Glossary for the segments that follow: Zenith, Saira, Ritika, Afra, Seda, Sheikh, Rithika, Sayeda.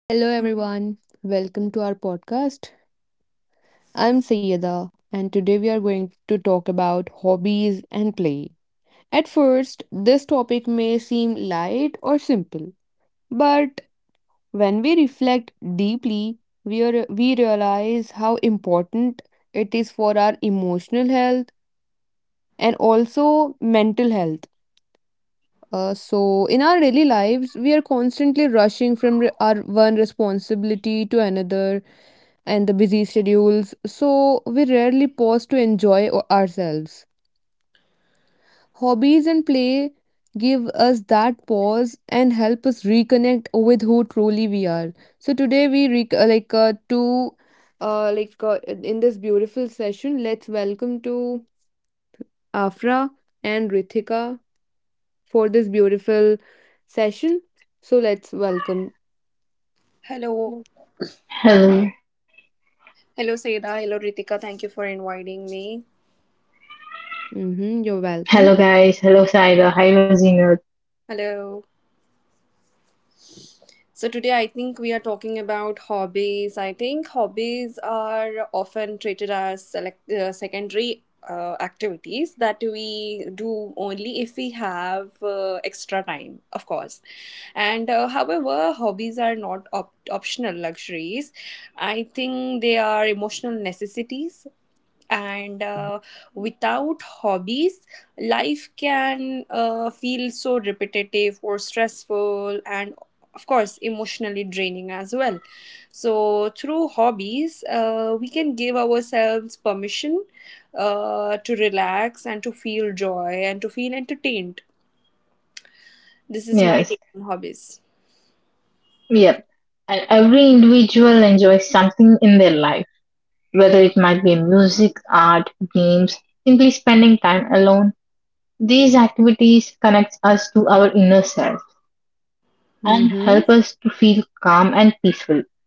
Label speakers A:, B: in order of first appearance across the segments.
A: Hello, everyone. Welcome to our podcast. I'm Sayeda, and today we are going to talk about hobbies and play. At first, this topic may seem light or simple, but when we reflect deeply, we realize how important it is for our emotional health and also mental health. In our daily lives, we are constantly rushing from our one responsibility to another and the busy schedules, so we rarely pause to enjoy ourselves. Hobbies and play give us that pause and help us reconnect with who truly we are. So, today we rec- like to like in this beautiful session, let's welcome to Afra and Rithika for this beautiful session. So let's welcome.
B: Hello.
C: Hello,
B: Hello, Seda. Hello, Ritika. Thank you for inviting me.
A: Mm-hmm, you're
C: hello
A: welcome.
C: guys, hello Saira, hello Zenith.
B: Hello. So, today I think we are talking about hobbies. I think hobbies are often treated as select, secondary activities that we do only if we have extra time, of course. And However, hobbies are not optional luxuries. I think they are emotional necessities and without hobbies life can feel so repetitive or stressful, and of course emotionally draining as well. So through hobbies we can give ourselves permission to relax and to feel joy and to feel entertained. This is my
C: Yes,
B: take on hobbies.
C: yep. And every individual enjoys something in their life, whether it might be music, art, games, simply spending time alone. These activities connect us to our inner self and help us to
A: Mm-hmm.
C: feel calm and peaceful.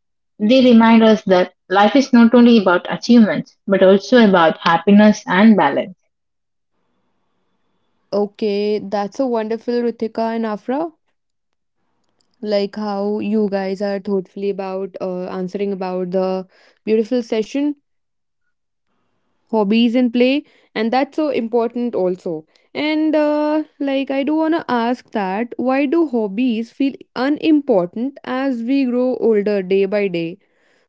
C: They remind us that life is not only about achievements, but also about happiness and balance.
A: Okay, that's so wonderful, Ritika and Afra. Like how you guys are thoughtfully about answering about the beautiful session, hobbies and play, and that's so important also. And like I do wanna ask that why do hobbies feel unimportant as we grow older day by day?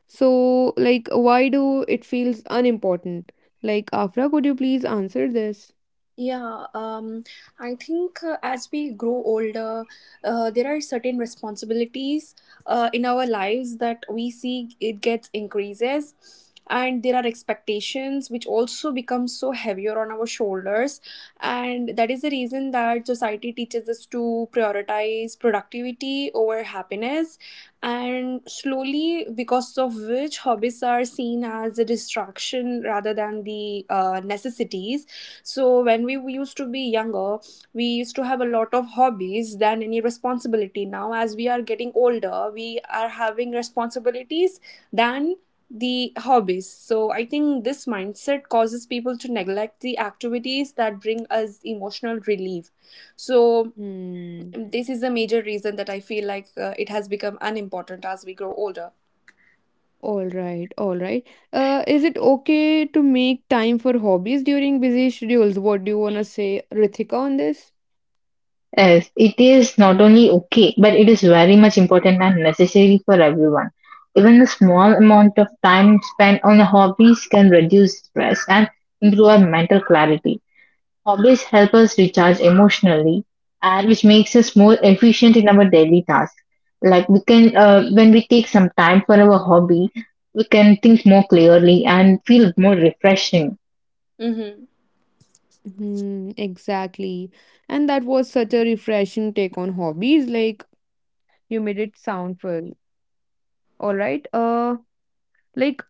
A: So, like, why do it feels unimportant? Like, Afra, could you please answer this?
B: Yeah, I think as we grow older, there are certain responsibilities in our lives that we see it gets increases, and there are expectations which also become so heavier on our shoulders, and that is the reason that society teaches us to prioritize productivity over happiness, and slowly because of which hobbies are seen as a distraction rather than the necessities. So when we used to be younger, we used to have a lot of hobbies than any responsibility. Now, as we are getting older, we are having responsibilities than the hobbies. So I think this mindset causes people to neglect the activities that bring us emotional relief. So
A: Hmm.
B: this is a major reason that I feel like it has become unimportant as we grow older.
A: All right, all right. Is it okay to make time for hobbies during busy schedules? What do you wanna say, Rithika, on this?
C: Yes, it is not only okay, but it is very much important and necessary for everyone. Even a small amount of time spent on hobbies can reduce stress and improve our mental clarity. Hobbies help us recharge emotionally, and which makes us more efficient in our daily tasks. Like when we take some time for our hobby, we can think more clearly and feel more refreshing.
B: Mm-hmm.
A: Hmm, exactly. And that was such a refreshing take on hobbies. Like, you made it sound full. All right. Like,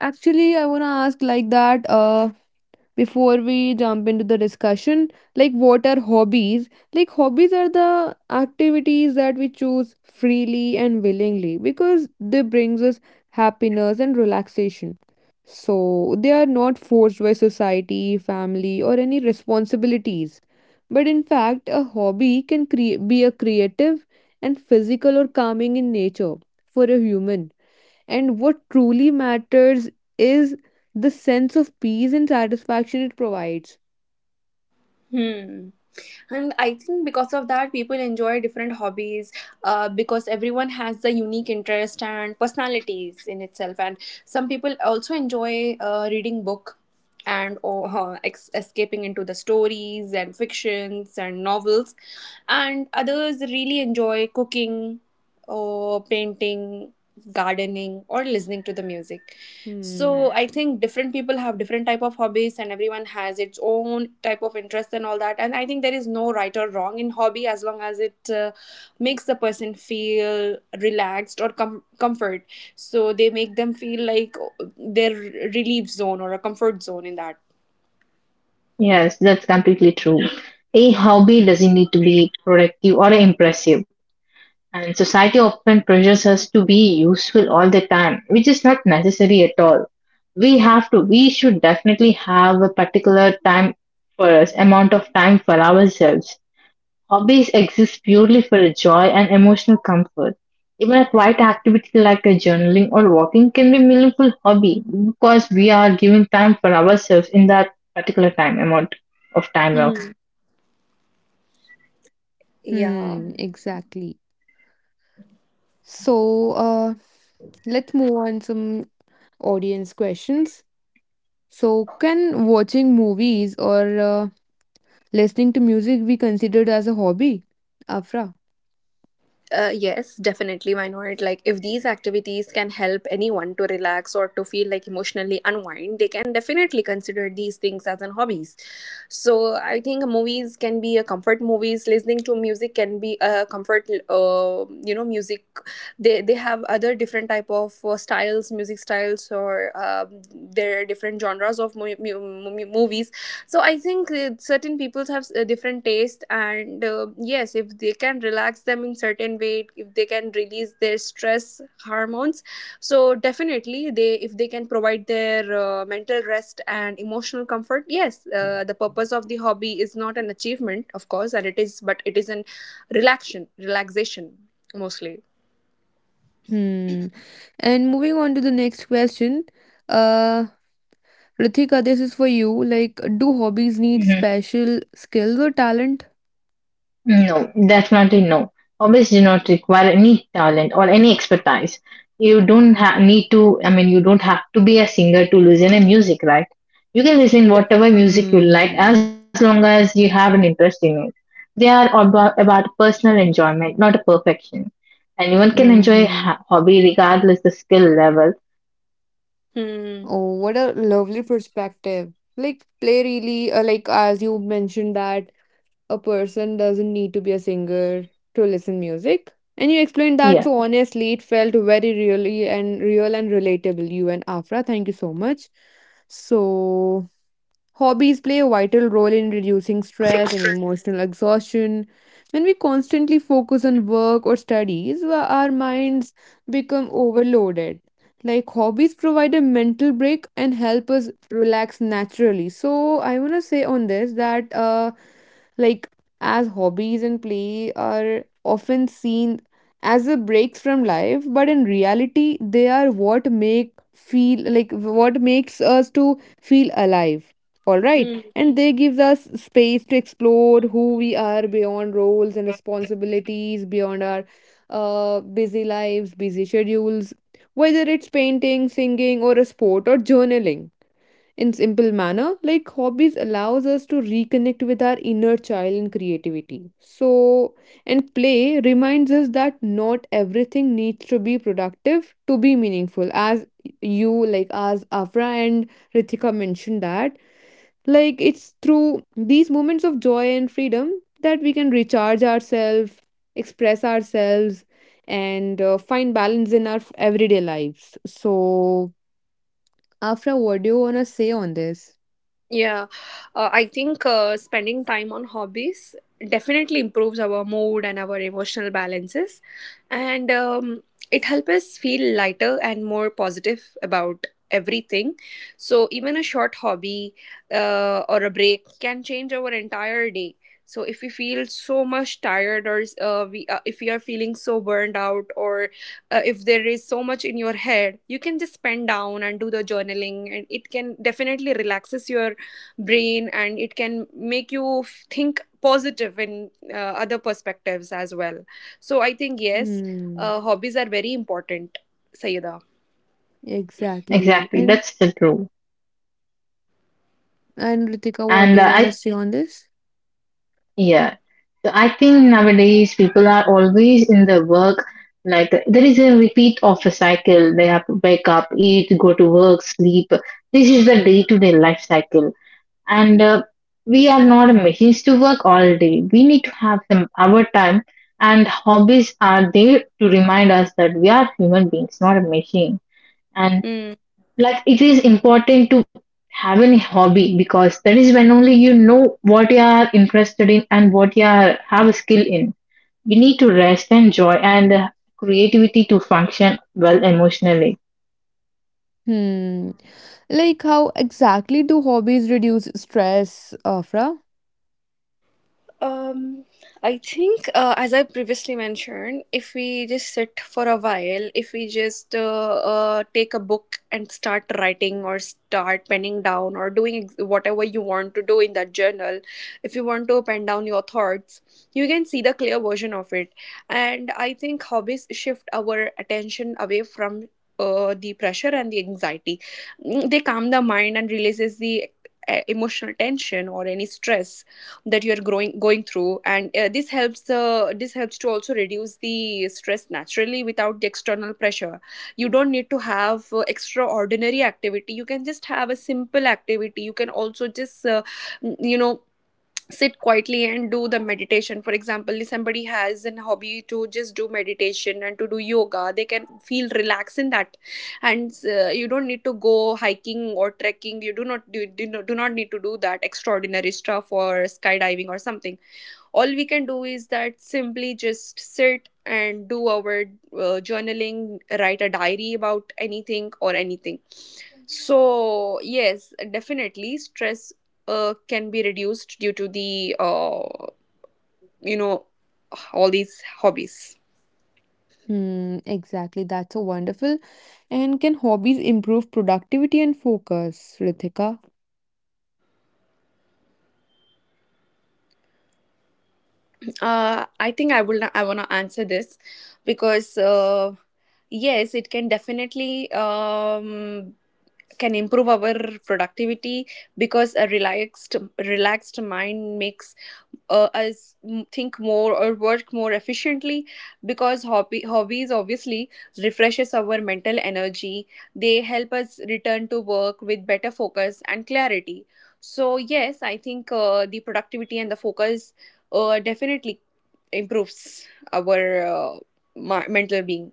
A: Actually, I wanna ask like that. Before we jump into the discussion, like what are hobbies, like hobbies are the activities that we choose freely and willingly because they brings us happiness and relaxation, so they are not forced by society, family, or any responsibilities, but in fact a hobby can be a creative and physical or calming in nature for a human, and what truly matters is the sense of peace and satisfaction it provides.
B: Hmm. And I think because of that people enjoy different hobbies, because everyone has the unique interest and personalities in itself. And some people also enjoy reading book and or escaping into the stories and fictions and novels, and others really enjoy cooking or painting, gardening or listening to the music. So
A: Hmm.
B: I think different people have different type of hobbies and everyone has its own type of interest and all that. And I think there is no right or wrong in hobby as long as it makes the person feel relaxed or comfort. So they make them feel like their relief zone or a comfort zone in that.
C: Yes, that's completely true. A hobby doesn't need to be productive or impressive. And society often pressures us to be useful all the time, which is not necessary at all. We should definitely have a particular time for us, amount of time for ourselves. Hobbies exist purely for joy and emotional comfort. Even a quiet activity like a journaling or walking can be a meaningful hobby because we are giving time for ourselves in that particular time amount of time now.
B: Hmm. Yeah.
A: Hmm. Exactly. So, let's move on some audience questions. So, can watching movies or listening to music be considered as a hobby? Afra.
B: Yes, definitely. Why not? Like, if these activities can help anyone to relax or to feel like emotionally unwind, they can definitely consider these things as an hobbies. So, I think movies can be a comfort. Movies, listening to music can be a comfort. Music. They have other different type of styles, music styles, or there are different genres of movies. So I think certain people have a different taste, and yes, if they can relax them in certain way, if they can release their stress hormones, so definitely they if they can provide their mental rest and emotional comfort. Yes, the purpose of the hobby is not an achievement, of course, and it is, but it is an relaxation mostly.
A: Hmm. And moving on to the next question. Uh, Ritika, this is for you. Like, do hobbies need
C: Mm-hmm.
A: special skills or talent?
C: No, definitely no. Hobbies do not require any talent or any expertise. You don't ha- need to, I mean, you don't have to be a singer to listen in music, right? You can listen whatever music you like
A: Hmm.
C: as long as you have an interest in it. They are about personal enjoyment, not a perfection. Anyone can enjoy a
A: Mm-hmm.
C: hobby regardless the skill level.
B: Hmm.
A: Oh, what a lovely perspective. Like play really, like as you mentioned that a person doesn't need to be a singer to listen music. And you explained that
C: Yeah,
A: so honestly, it felt very really and real and relatable. You and Afra, thank you so much. So hobbies play a vital role in reducing stress and
B: Sure.
A: emotional exhaustion. When we constantly focus on work or studies, our minds become overloaded. Like hobbies provide a mental break and help us relax naturally. So I want to say on this that like as hobbies and play are often seen as a breaks from life, but in reality they are what make feel like what makes us to feel alive, all right,
B: Hmm.
A: and they gives us space to explore who we are beyond roles and responsibilities, beyond our busy lives, busy schedules, whether it's painting, singing, or a sport or journaling, in simple manner like hobbies allows us to reconnect with our inner child and creativity. So and play reminds us that not everything needs to be productive to be meaningful, as you like as Afra and Ritika mentioned, that like it's through these moments of joy and freedom that we can recharge ourselves, express ourselves, and find balance in our everyday lives. So, Afra, what do you wanna say on this?
B: Yeah, I think spending time on hobbies definitely improves our mood and our emotional balances, and it helps us feel lighter and more positive about everything. So, even a short hobby or a break can change our entire day. So, if we feel so much tired, or we if we are feeling so burned out, or if there is so much in your head, you can just pen down and do the journaling, and it can definitely relaxes your brain and it can make you think positive in other perspectives as well. So I think yes,
A: Hmm.
B: hobbies are very important, Sayeda.
A: Exactly.
C: exactly. That's the true.
A: And Ritika, what do
C: And
A: you wanna
C: I
A: say on this?
C: Yeah. So I think nowadays people are always in the work. Like there is a repeat of a cycle. They have to up, eat, go to work, sleep. This is the day to day life cycle. And We are not machines to work all day. We need to have some our time. And hobbies are there to remind us that we are human beings, not a machine. And like it is important to have a hobby because that is when only you know what you are interested in and what you are have a skill in. You need to rest and joy and creativity to function well emotionally.
A: Hmm. Like how exactly do hobbies reduce stress, Afra?
B: Um, I think, as I previously mentioned, if we just sit for a while, if we just take a book and start writing or start penning down or doing whatever you want to do in that journal, if you want to pen down your thoughts, you can see the clear version of it. And I think hobbies shift our attention away from. The pressure and the anxiety. Mm, they calm the mind and releases the emotional tension or any stress that you're growing going through. And this helps this helps to also reduce the stress naturally without the external pressure. You don't need to have extraordinary activity, you can just have a simple activity. You can also just you know sit quietly and do the meditation. For example, if somebody has a hobby to just do meditation and to do yoga, they can feel relaxed in that. And you don't need to go hiking or trekking. You do not do not need to do that extraordinary stuff or skydiving or something. All we can do is that simply just sit and do our journaling, write a diary about anything or anything. So, yes, definitely stress can be reduced due to the, you know, all these hobbies.
A: Hmm, exactly. That's so wonderful. And can hobbies improve productivity and focus, Ritika?
B: I think I want to answer this because yes, it can definitely can improve our productivity because a relaxed mind makes us think more or work more efficiently because hobby hobbies obviously refreshes our mental energy. They help us return to work with better focus and clarity. So yes, I think the productivity and the focus definitely improves our uh, mental being.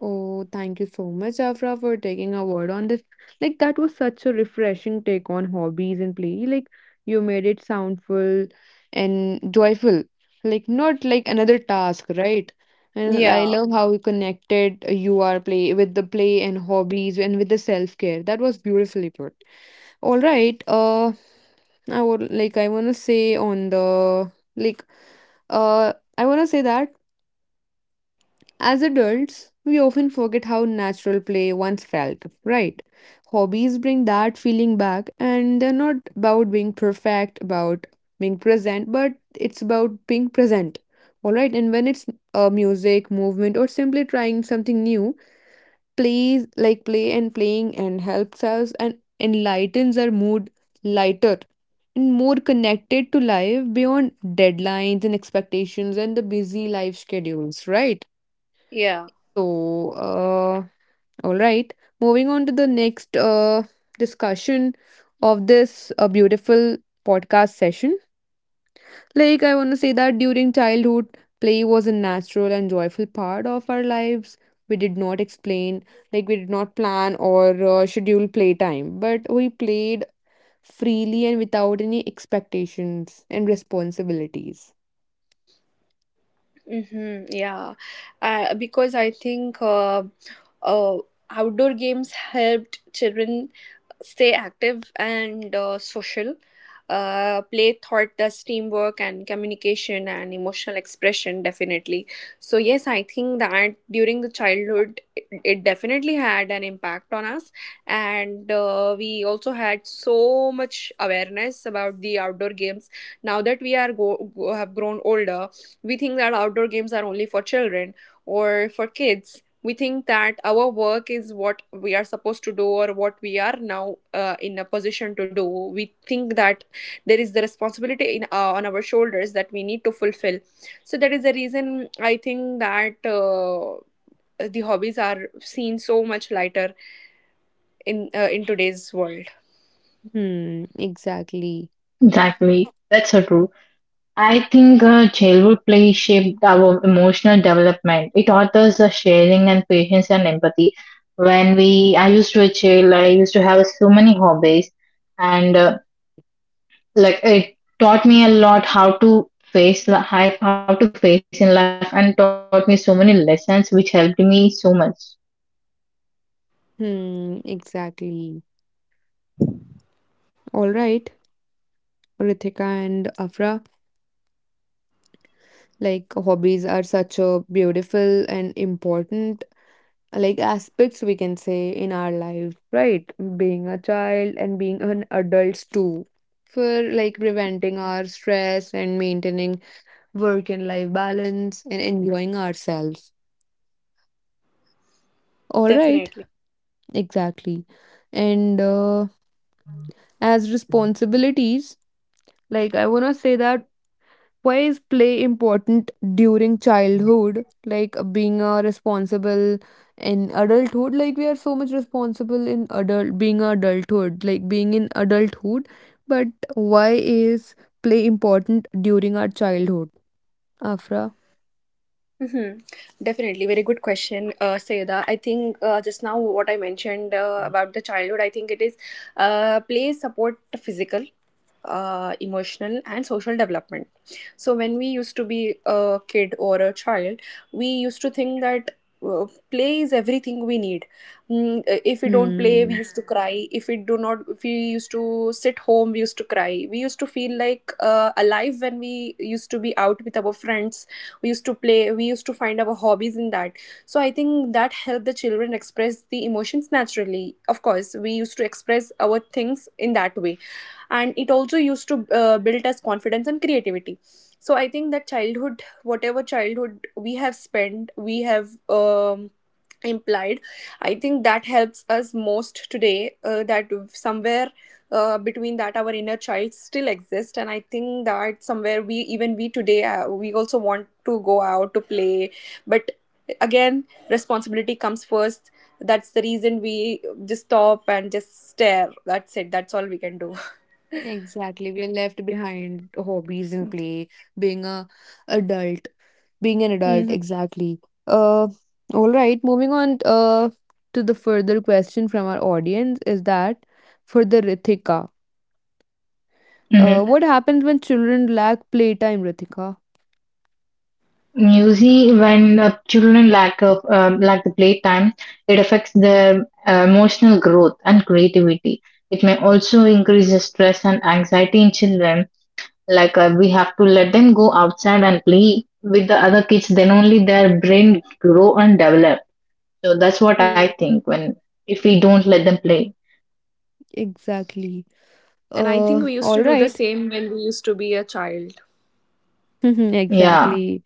A: Oh, thank you so much, Afra, for taking a word on this. Like, that was such a refreshing take on hobbies and play. Like, you made it soundful and joyful. Like, not like another task, right? And I
B: Yeah.
A: love how you connected you are play with the play and hobbies and with the self-care. That was beautifully put. All right. I would like I want to say on the like I want to say that as adults we often forget how natural play once felt, right? Hobbies bring that feeling back and they're not about being perfect, about being present, but it's about being present. All right, and when it's music, movement, or simply trying something new, plays like play and playing and helps us and enlightens our mood lighter and more connected to life beyond deadlines and expectations and the busy life schedules, right?
B: Yeah.
A: So uh all right, moving on to the next discussion of this beautiful podcast session. Like, I want to say that during childhood, play was a natural and joyful part of our lives. We did not explain, like, we did not plan or schedule playtime, but we played freely and without any expectations and responsibilities.
B: Mm-hmm, yeah, because I think uh, outdoor games helped children stay active and social. Play taught us teamwork and communication and emotional expression, definitely. So, yes, I think that during the childhood, it definitely had an impact on us. And we also had so much awareness about the outdoor games. Now that we are have grown older, we think that outdoor games are only for children or for kids. We think that our work is what we are supposed to do or what we are now in a position to do. We think that there is the responsibility in on our shoulders that we need to fulfill. So that is the reason I think that the hobbies are seen so much lighter in today's world.
A: Hmm, exactly.
C: Exactly. That's so true. I think childhood play shaped our emotional development. It taught us sharing and patience and empathy. I used to be a child, I used to have so many hobbies, and like it taught me a lot how to face life, how to face in life, and taught me so many lessons which helped me so much.
A: Hmm, exactly. All right, Ritika and Afra, like, hobbies are such a beautiful and important like aspects we can say in our life, right, being a child and being an adult too, for like preventing our stress and maintaining work and life balance and enjoying ourselves, all right,
B: Definitely.
A: exactly. And as responsibilities, like I want to say that why is play important during childhood? Like being a responsible in adulthood, like we are so much responsible in adult being a adulthood, like being in adulthood. But why is play important during our childhood? Afra?
B: Mm-hmm. Definitely, very good question, Sayeda. I think just now what I mentioned about the childhood, I think it is play support physical, emotional, and social development. So when we used to be a kid or a child, we used to think that. Play is everything we need. If we don't play, we
A: Hmm.
B: used to cry. If we used to sit home, we used to cry. We used to feel like alive when we used to be out with our friends. We used to play, we used to find our hobbies in that. So I think that helped the children express the emotions naturally. Of course, we used to express our things in that way. And it also used to build us confidence and creativity. So I think that childhood, whatever childhood we have spent we have um, implied, I think that helps us most today. Uh, that somewhere between that our inner child still exists. And I think that somewhere we today, we also want to go out to play. But again, responsibility comes first. That's the reason we just stop and just stare. That's it, that's all we can do.
A: Exactly. We're left behind hobbies and play, being a adult. Being an adult,
B: Hmm.
A: exactly. uh all right, moving on to the further question from our audience is that for the Rithika,
C: Mhm.
A: what happens when children lack playtime, Rithika?
C: Usually, when children lack the playtime, it affects their emotional growth and creativity. It may also increase the stress and anxiety in children. Like we have to let them go outside and play with the other kids, then only their brain grow and develop. So that's what I
B: And
C: think when if we don't let them play.
A: Exactly.
B: I think we used
A: All
B: to do the
A: right.
B: same when we used to be a child.
C: Yeah.
A: Exactly.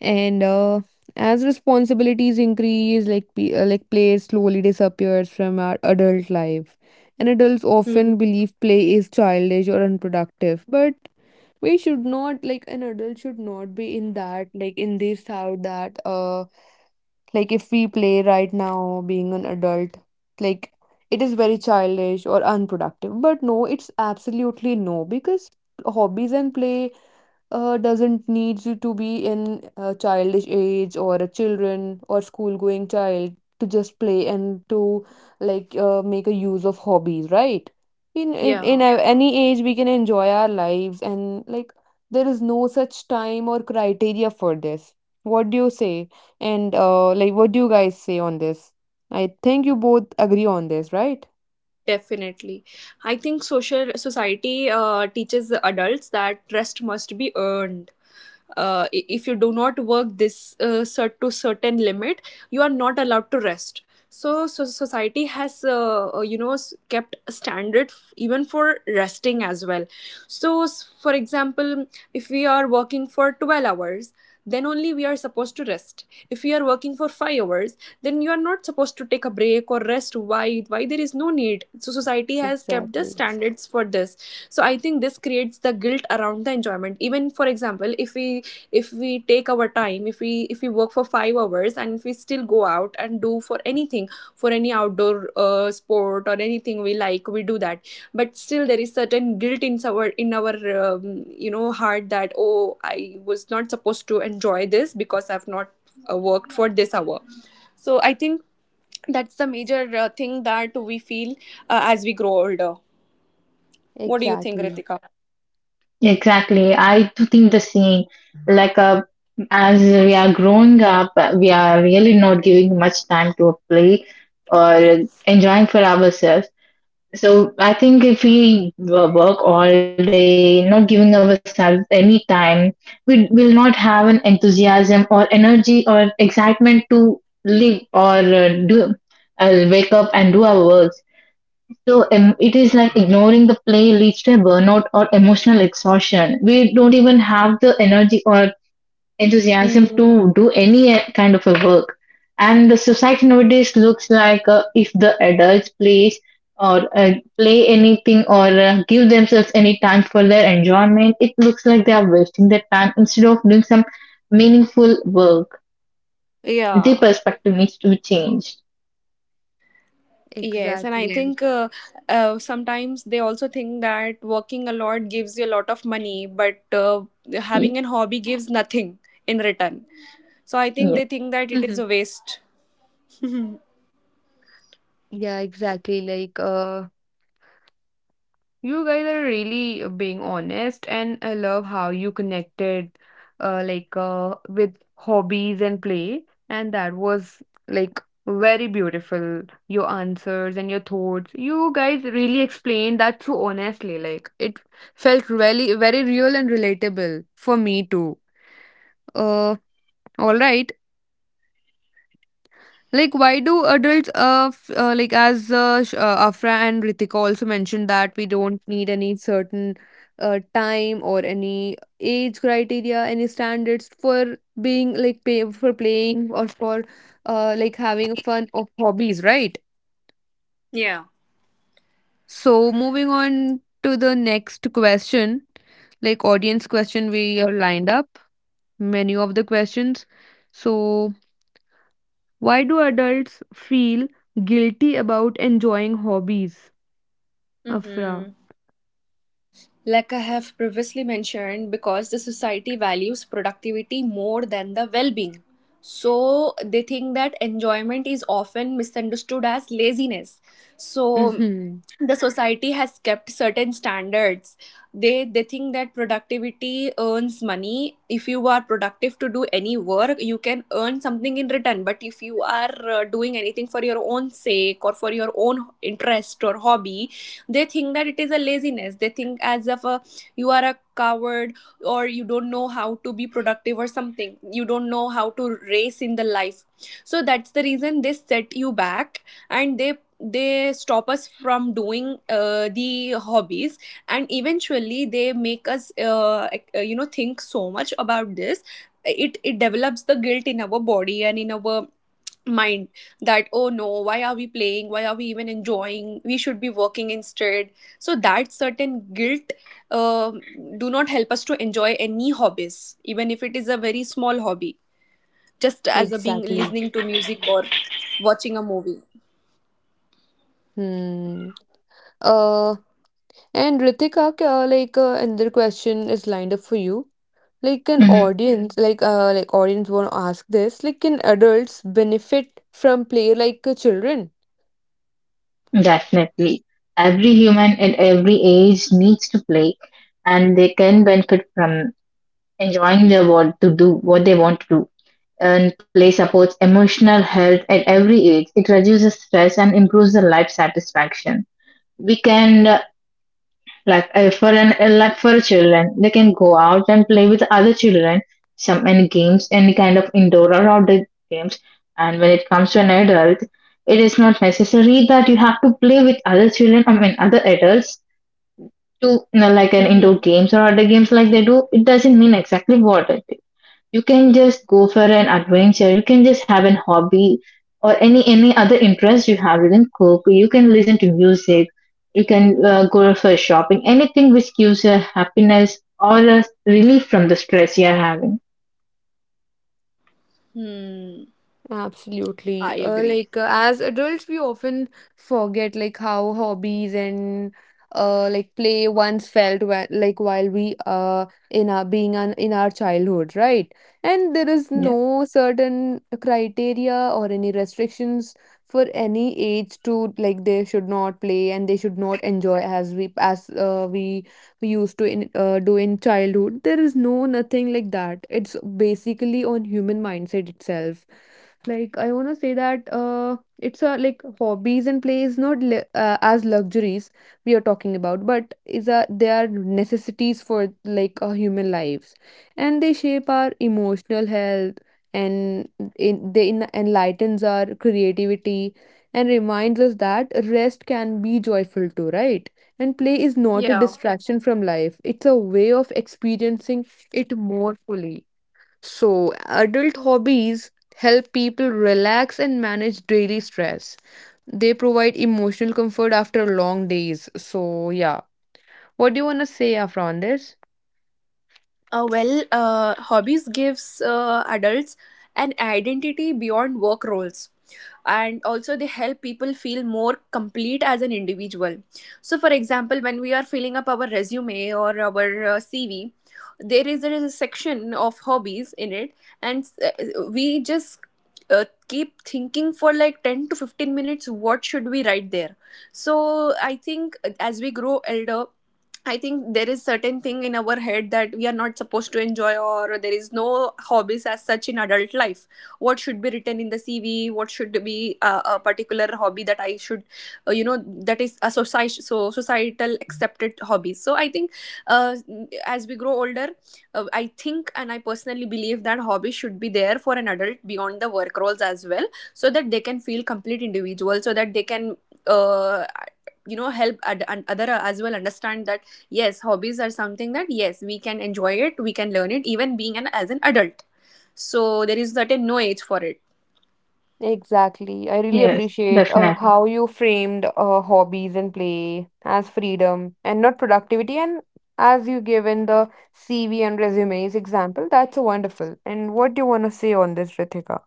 A: And as responsibilities increase, like like play slowly disappears from our adult life, and adults
B: Hmm.
A: often believe play is childish or unproductive, but we should not like an adult should not be in that, like in this how that like if we play right now being an adult, like it is very childish or unproductive, but no, it's absolutely no, because hobbies and play doesn't need you to be in a childish age or a children or school going child to just play and to like make a use of hobbies, right?
B: Yeah.
A: Any age we can enjoy our lives, and like there is no such time or criteria for this. What do you say? And like what do you guys say on this? I think you both agree on this, right?
B: Definitely. I think social society teaches adults that rest must be earned. If you do not work this to certain limit, you are not allowed to rest. So society has kept a standard even for resting as well. So for example, if we are working for 12 hours, then only we are supposed to rest. If we are working for 5 hours, then you are not supposed to take a break or rest. Why there is no need. So society has kept the
A: Exactly.
B: standards for this. So I think this creates the guilt around the enjoyment. Even for example, if we take our time, if we work for 5 hours and if we still go out and do for anything, for any outdoor sport or anything we like we do that. But still there is certain guilt in our um, heart that oh I was not supposed to enjoy this because I've not worked for this hour. So I think that's the major thing that we feel as we grow older. What do you think,
A: Exactly.
B: Ritika?
C: Exactly. I do think the same. Like, as we are growing up, we are really not giving much time to a play or enjoying for ourselves. So I think if we work all day, not giving ourselves any time, we will not have an enthusiasm or energy or excitement to live or do wake up and do our work. So it is like ignoring the play leads to a burnout or emotional exhaustion. We don't the energy or enthusiasm
B: Hmm.
C: to do any kind of a work. And the society nowadays looks like if the adults plays or play anything or give themselves any time for their enjoyment, it looks like they are wasting their time instead of doing some meaningful work. The
B: Yeah.
C: perspective needs to be changed.
B: Yes, and I
A: Exactly.
B: think sometimes they also think that working a lot gives you a lot of money, but
C: Yeah.
B: having an hobby gives nothing in return. So I think
C: Yeah.
B: they think that it is
A: Mhm.
B: a waste.
A: Yeah, exactly. Like, you guys are really being honest, and I love how you connected, with hobbies and play, and that was like very beautiful. Your answers and your thoughts. You guys really explained that so honestly. Like it felt really very real and relatable for me too. Uh, all right. Like, why do adults, like as Afra and Ritika also mentioned that we don't need any certain time or any age criteria, any standards for being like pay for playing or for like having fun of hobbies, right?
B: Yeah.
A: So moving on to the next question, like audience question, we are lined up many of the questions. So why do adults feel guilty about enjoying hobbies? Afra.
B: Mm-hmm. Like I have previously mentioned, because the society values productivity more than the well being. So they think that enjoyment is often misunderstood as laziness. So
A: Mm-hmm.
B: the society has kept certain standards. They think that productivity earns money. If you are productive to do any work, you can earn something in return. But if you are doing anything for your own sake or for your own interest or hobby, they think that it is a laziness. They think as if a, you are a coward or you don't know how to be productive or something, you don't know how to race in the life. So that's the reason they set you back, and they stop us from doing the hobbies. And eventually they make us think so much about this. It develops the guilt in our body and in our mind that oh no, why are we playing, why are we even enjoying, we should be working instead. So that certain guilt um do not help us to enjoy any hobbies, even if it is a very small hobby, just as a being
A: Exactly.
B: listening to music or watching a movie.
A: Hmm. Uh, and Ritika, another question is lined up for you. Like an yeah
C: Mm-hmm.
A: audience, like audience want to ask this. Like, can adults benefit from play like children?
C: Definitely. Every human at every age needs to play, and they can benefit from enjoying their world to do what they want to do. And play supports emotional health at every age. It reduces stress and improves the life satisfaction. We can like for an like for children they can go out and play with other children, some any games, any kind of indoor or outdoor games. And when it comes to an adult, it is not necessary that you have to play with other children, I mean other adults, to you know, like an indoor
B: Mm-hmm.
C: games or other games like they do, it doesn't mean exactly what it is. You can just go for an adventure. You can just have an hobby or any other interest you have. You can cook. You can listen to music. You can go for shopping. Anything which gives you happiness or a relief from the stress you are having.
B: Hmm.
A: Absolutely.
B: I agree.
A: As adults, we often forget like how hobbies and like play once felt wh like while we in our being an, in our childhood, right? And there is
C: Yeah.
A: no certain criteria or any restrictions for any age to like they should not play and they should not enjoy as we as we used to in do in childhood. There is no nothing like that. It's basically on human mindset itself. Like I want to say that it's a like hobbies and play is not as luxuries we are talking about, but is a they are necessities for like our human lives, and they shape our emotional health and in, they in, enlightens our creativity and reminds us that rest can be joyful too, right? And play is not a
B: Yeah.
A: distraction from life; it's a way of experiencing it more fully. So, adult hobbies help people relax and manage daily stress. They provide emotional comfort after long days. So, yeah. What do you want to say, Afra, on this?
B: Uh, well hobbies gives adults an identity beyond work roles, and also they help people feel more complete as an individual. So for example, when we are filling up our resume or our CV, there is a section of hobbies in it. And we just keep thinking for like 10 to 15 minutes what should we write there. So I think as we grow elder, I think there is certain thing in our head that we are not supposed to enjoy, or there is no hobbies as such in adult life. What should be written in the CV, what should be a particular hobby that I should, uh, you know that is a society, so societal accepted hobbies. So I think uh, as we grow older, I think and I personally believe that hobbies should be there for an adult beyond the work roles as well. So that they can feel complete individual, so that they can uh, help and other as well understand that yes, hobbies are something that yes we can enjoy it, we can learn it even being an as an adult. So there is certain no age for it.
A: Exactly. I really
C: Yes.
A: appreciate
C: Definitely.
A: how you framed hobbies and play as freedom and not productivity. And as you gave in the CV and resumes example, that's wonderful. And what do you want to say on this, Ritika?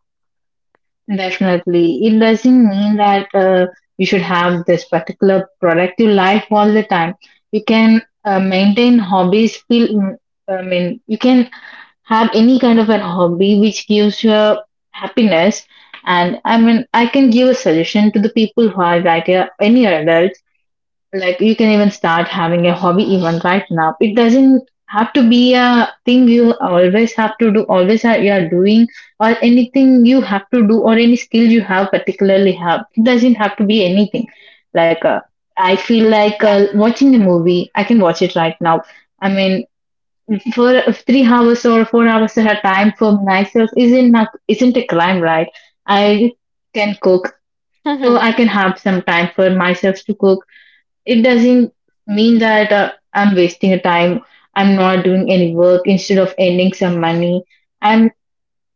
C: Definitely. It doesn't mean that you should have this particular productive life all the time. You can maintain hobbies, feel, I mean, you can have any kind of an hobby which gives you happiness. And I mean I can give a suggestion to the people who are right here, any adult, like you can even start having a hobby even right now. It doesn't have to be a thing you always have to do, you are doing, or anything you have to do, or any skill you have particularly have. It doesn't have to be anything like I feel like watching a movie. I can watch it right now. I mean, for 3 hours or 4 hours at a time for myself isn't a crime, right? I can cook, so I can have some time for myself to cook. It doesn't mean that I'm wasting a time. I'm not doing any work instead of earning some money. I'm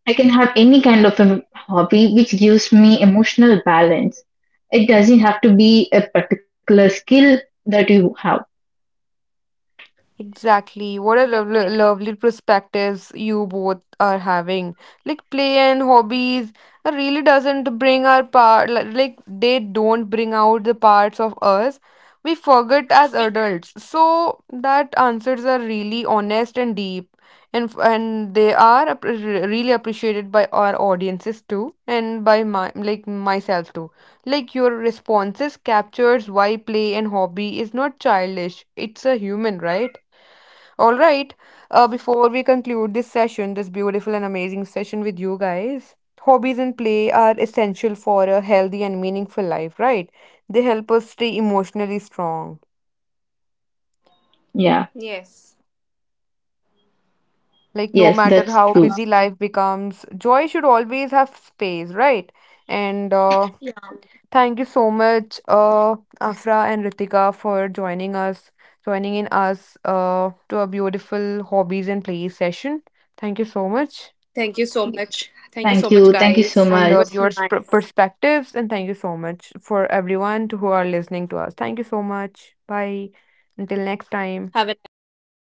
C: I can have any kind of a hobby which gives me emotional balance. It doesn't have to be a particular skill that you have.
A: Exactly. What a lovely, lovely perspectives you both are having. Like play and hobbies really doesn't bring our part, like they don't bring out the parts of us we forget as adults. So that answers are really honest and deep, and they are really appreciated by our audiences too, and by my like myself too. Like your responses captures why play and hobby is not childish. It's a human, right? All right. Before we conclude this session, this beautiful and amazing session with you guys, hobbies and play are essential for a healthy and meaningful life, right? They help us stay emotionally strong.
C: Yeah.
B: Yes.
A: Like, no
C: Yes,
A: matter
C: that's
A: how
C: true.
A: busy life becomes, joy should always have space, right? And
B: Yeah.
A: thank you so much, Afra and Ritika, for joining us, joining in us to a beautiful hobbies and play session. Thank you so much.
B: Thank you so much. Thank you so
C: Thank
B: much,
C: you. Thank you so
B: guys.
A: I
B: It was
A: love
C: much.
A: your
B: nice.
A: perspectives and thank you so much for everyone who are listening to us. Thank you so much. Bye. Until next time.
B: Have a nice day.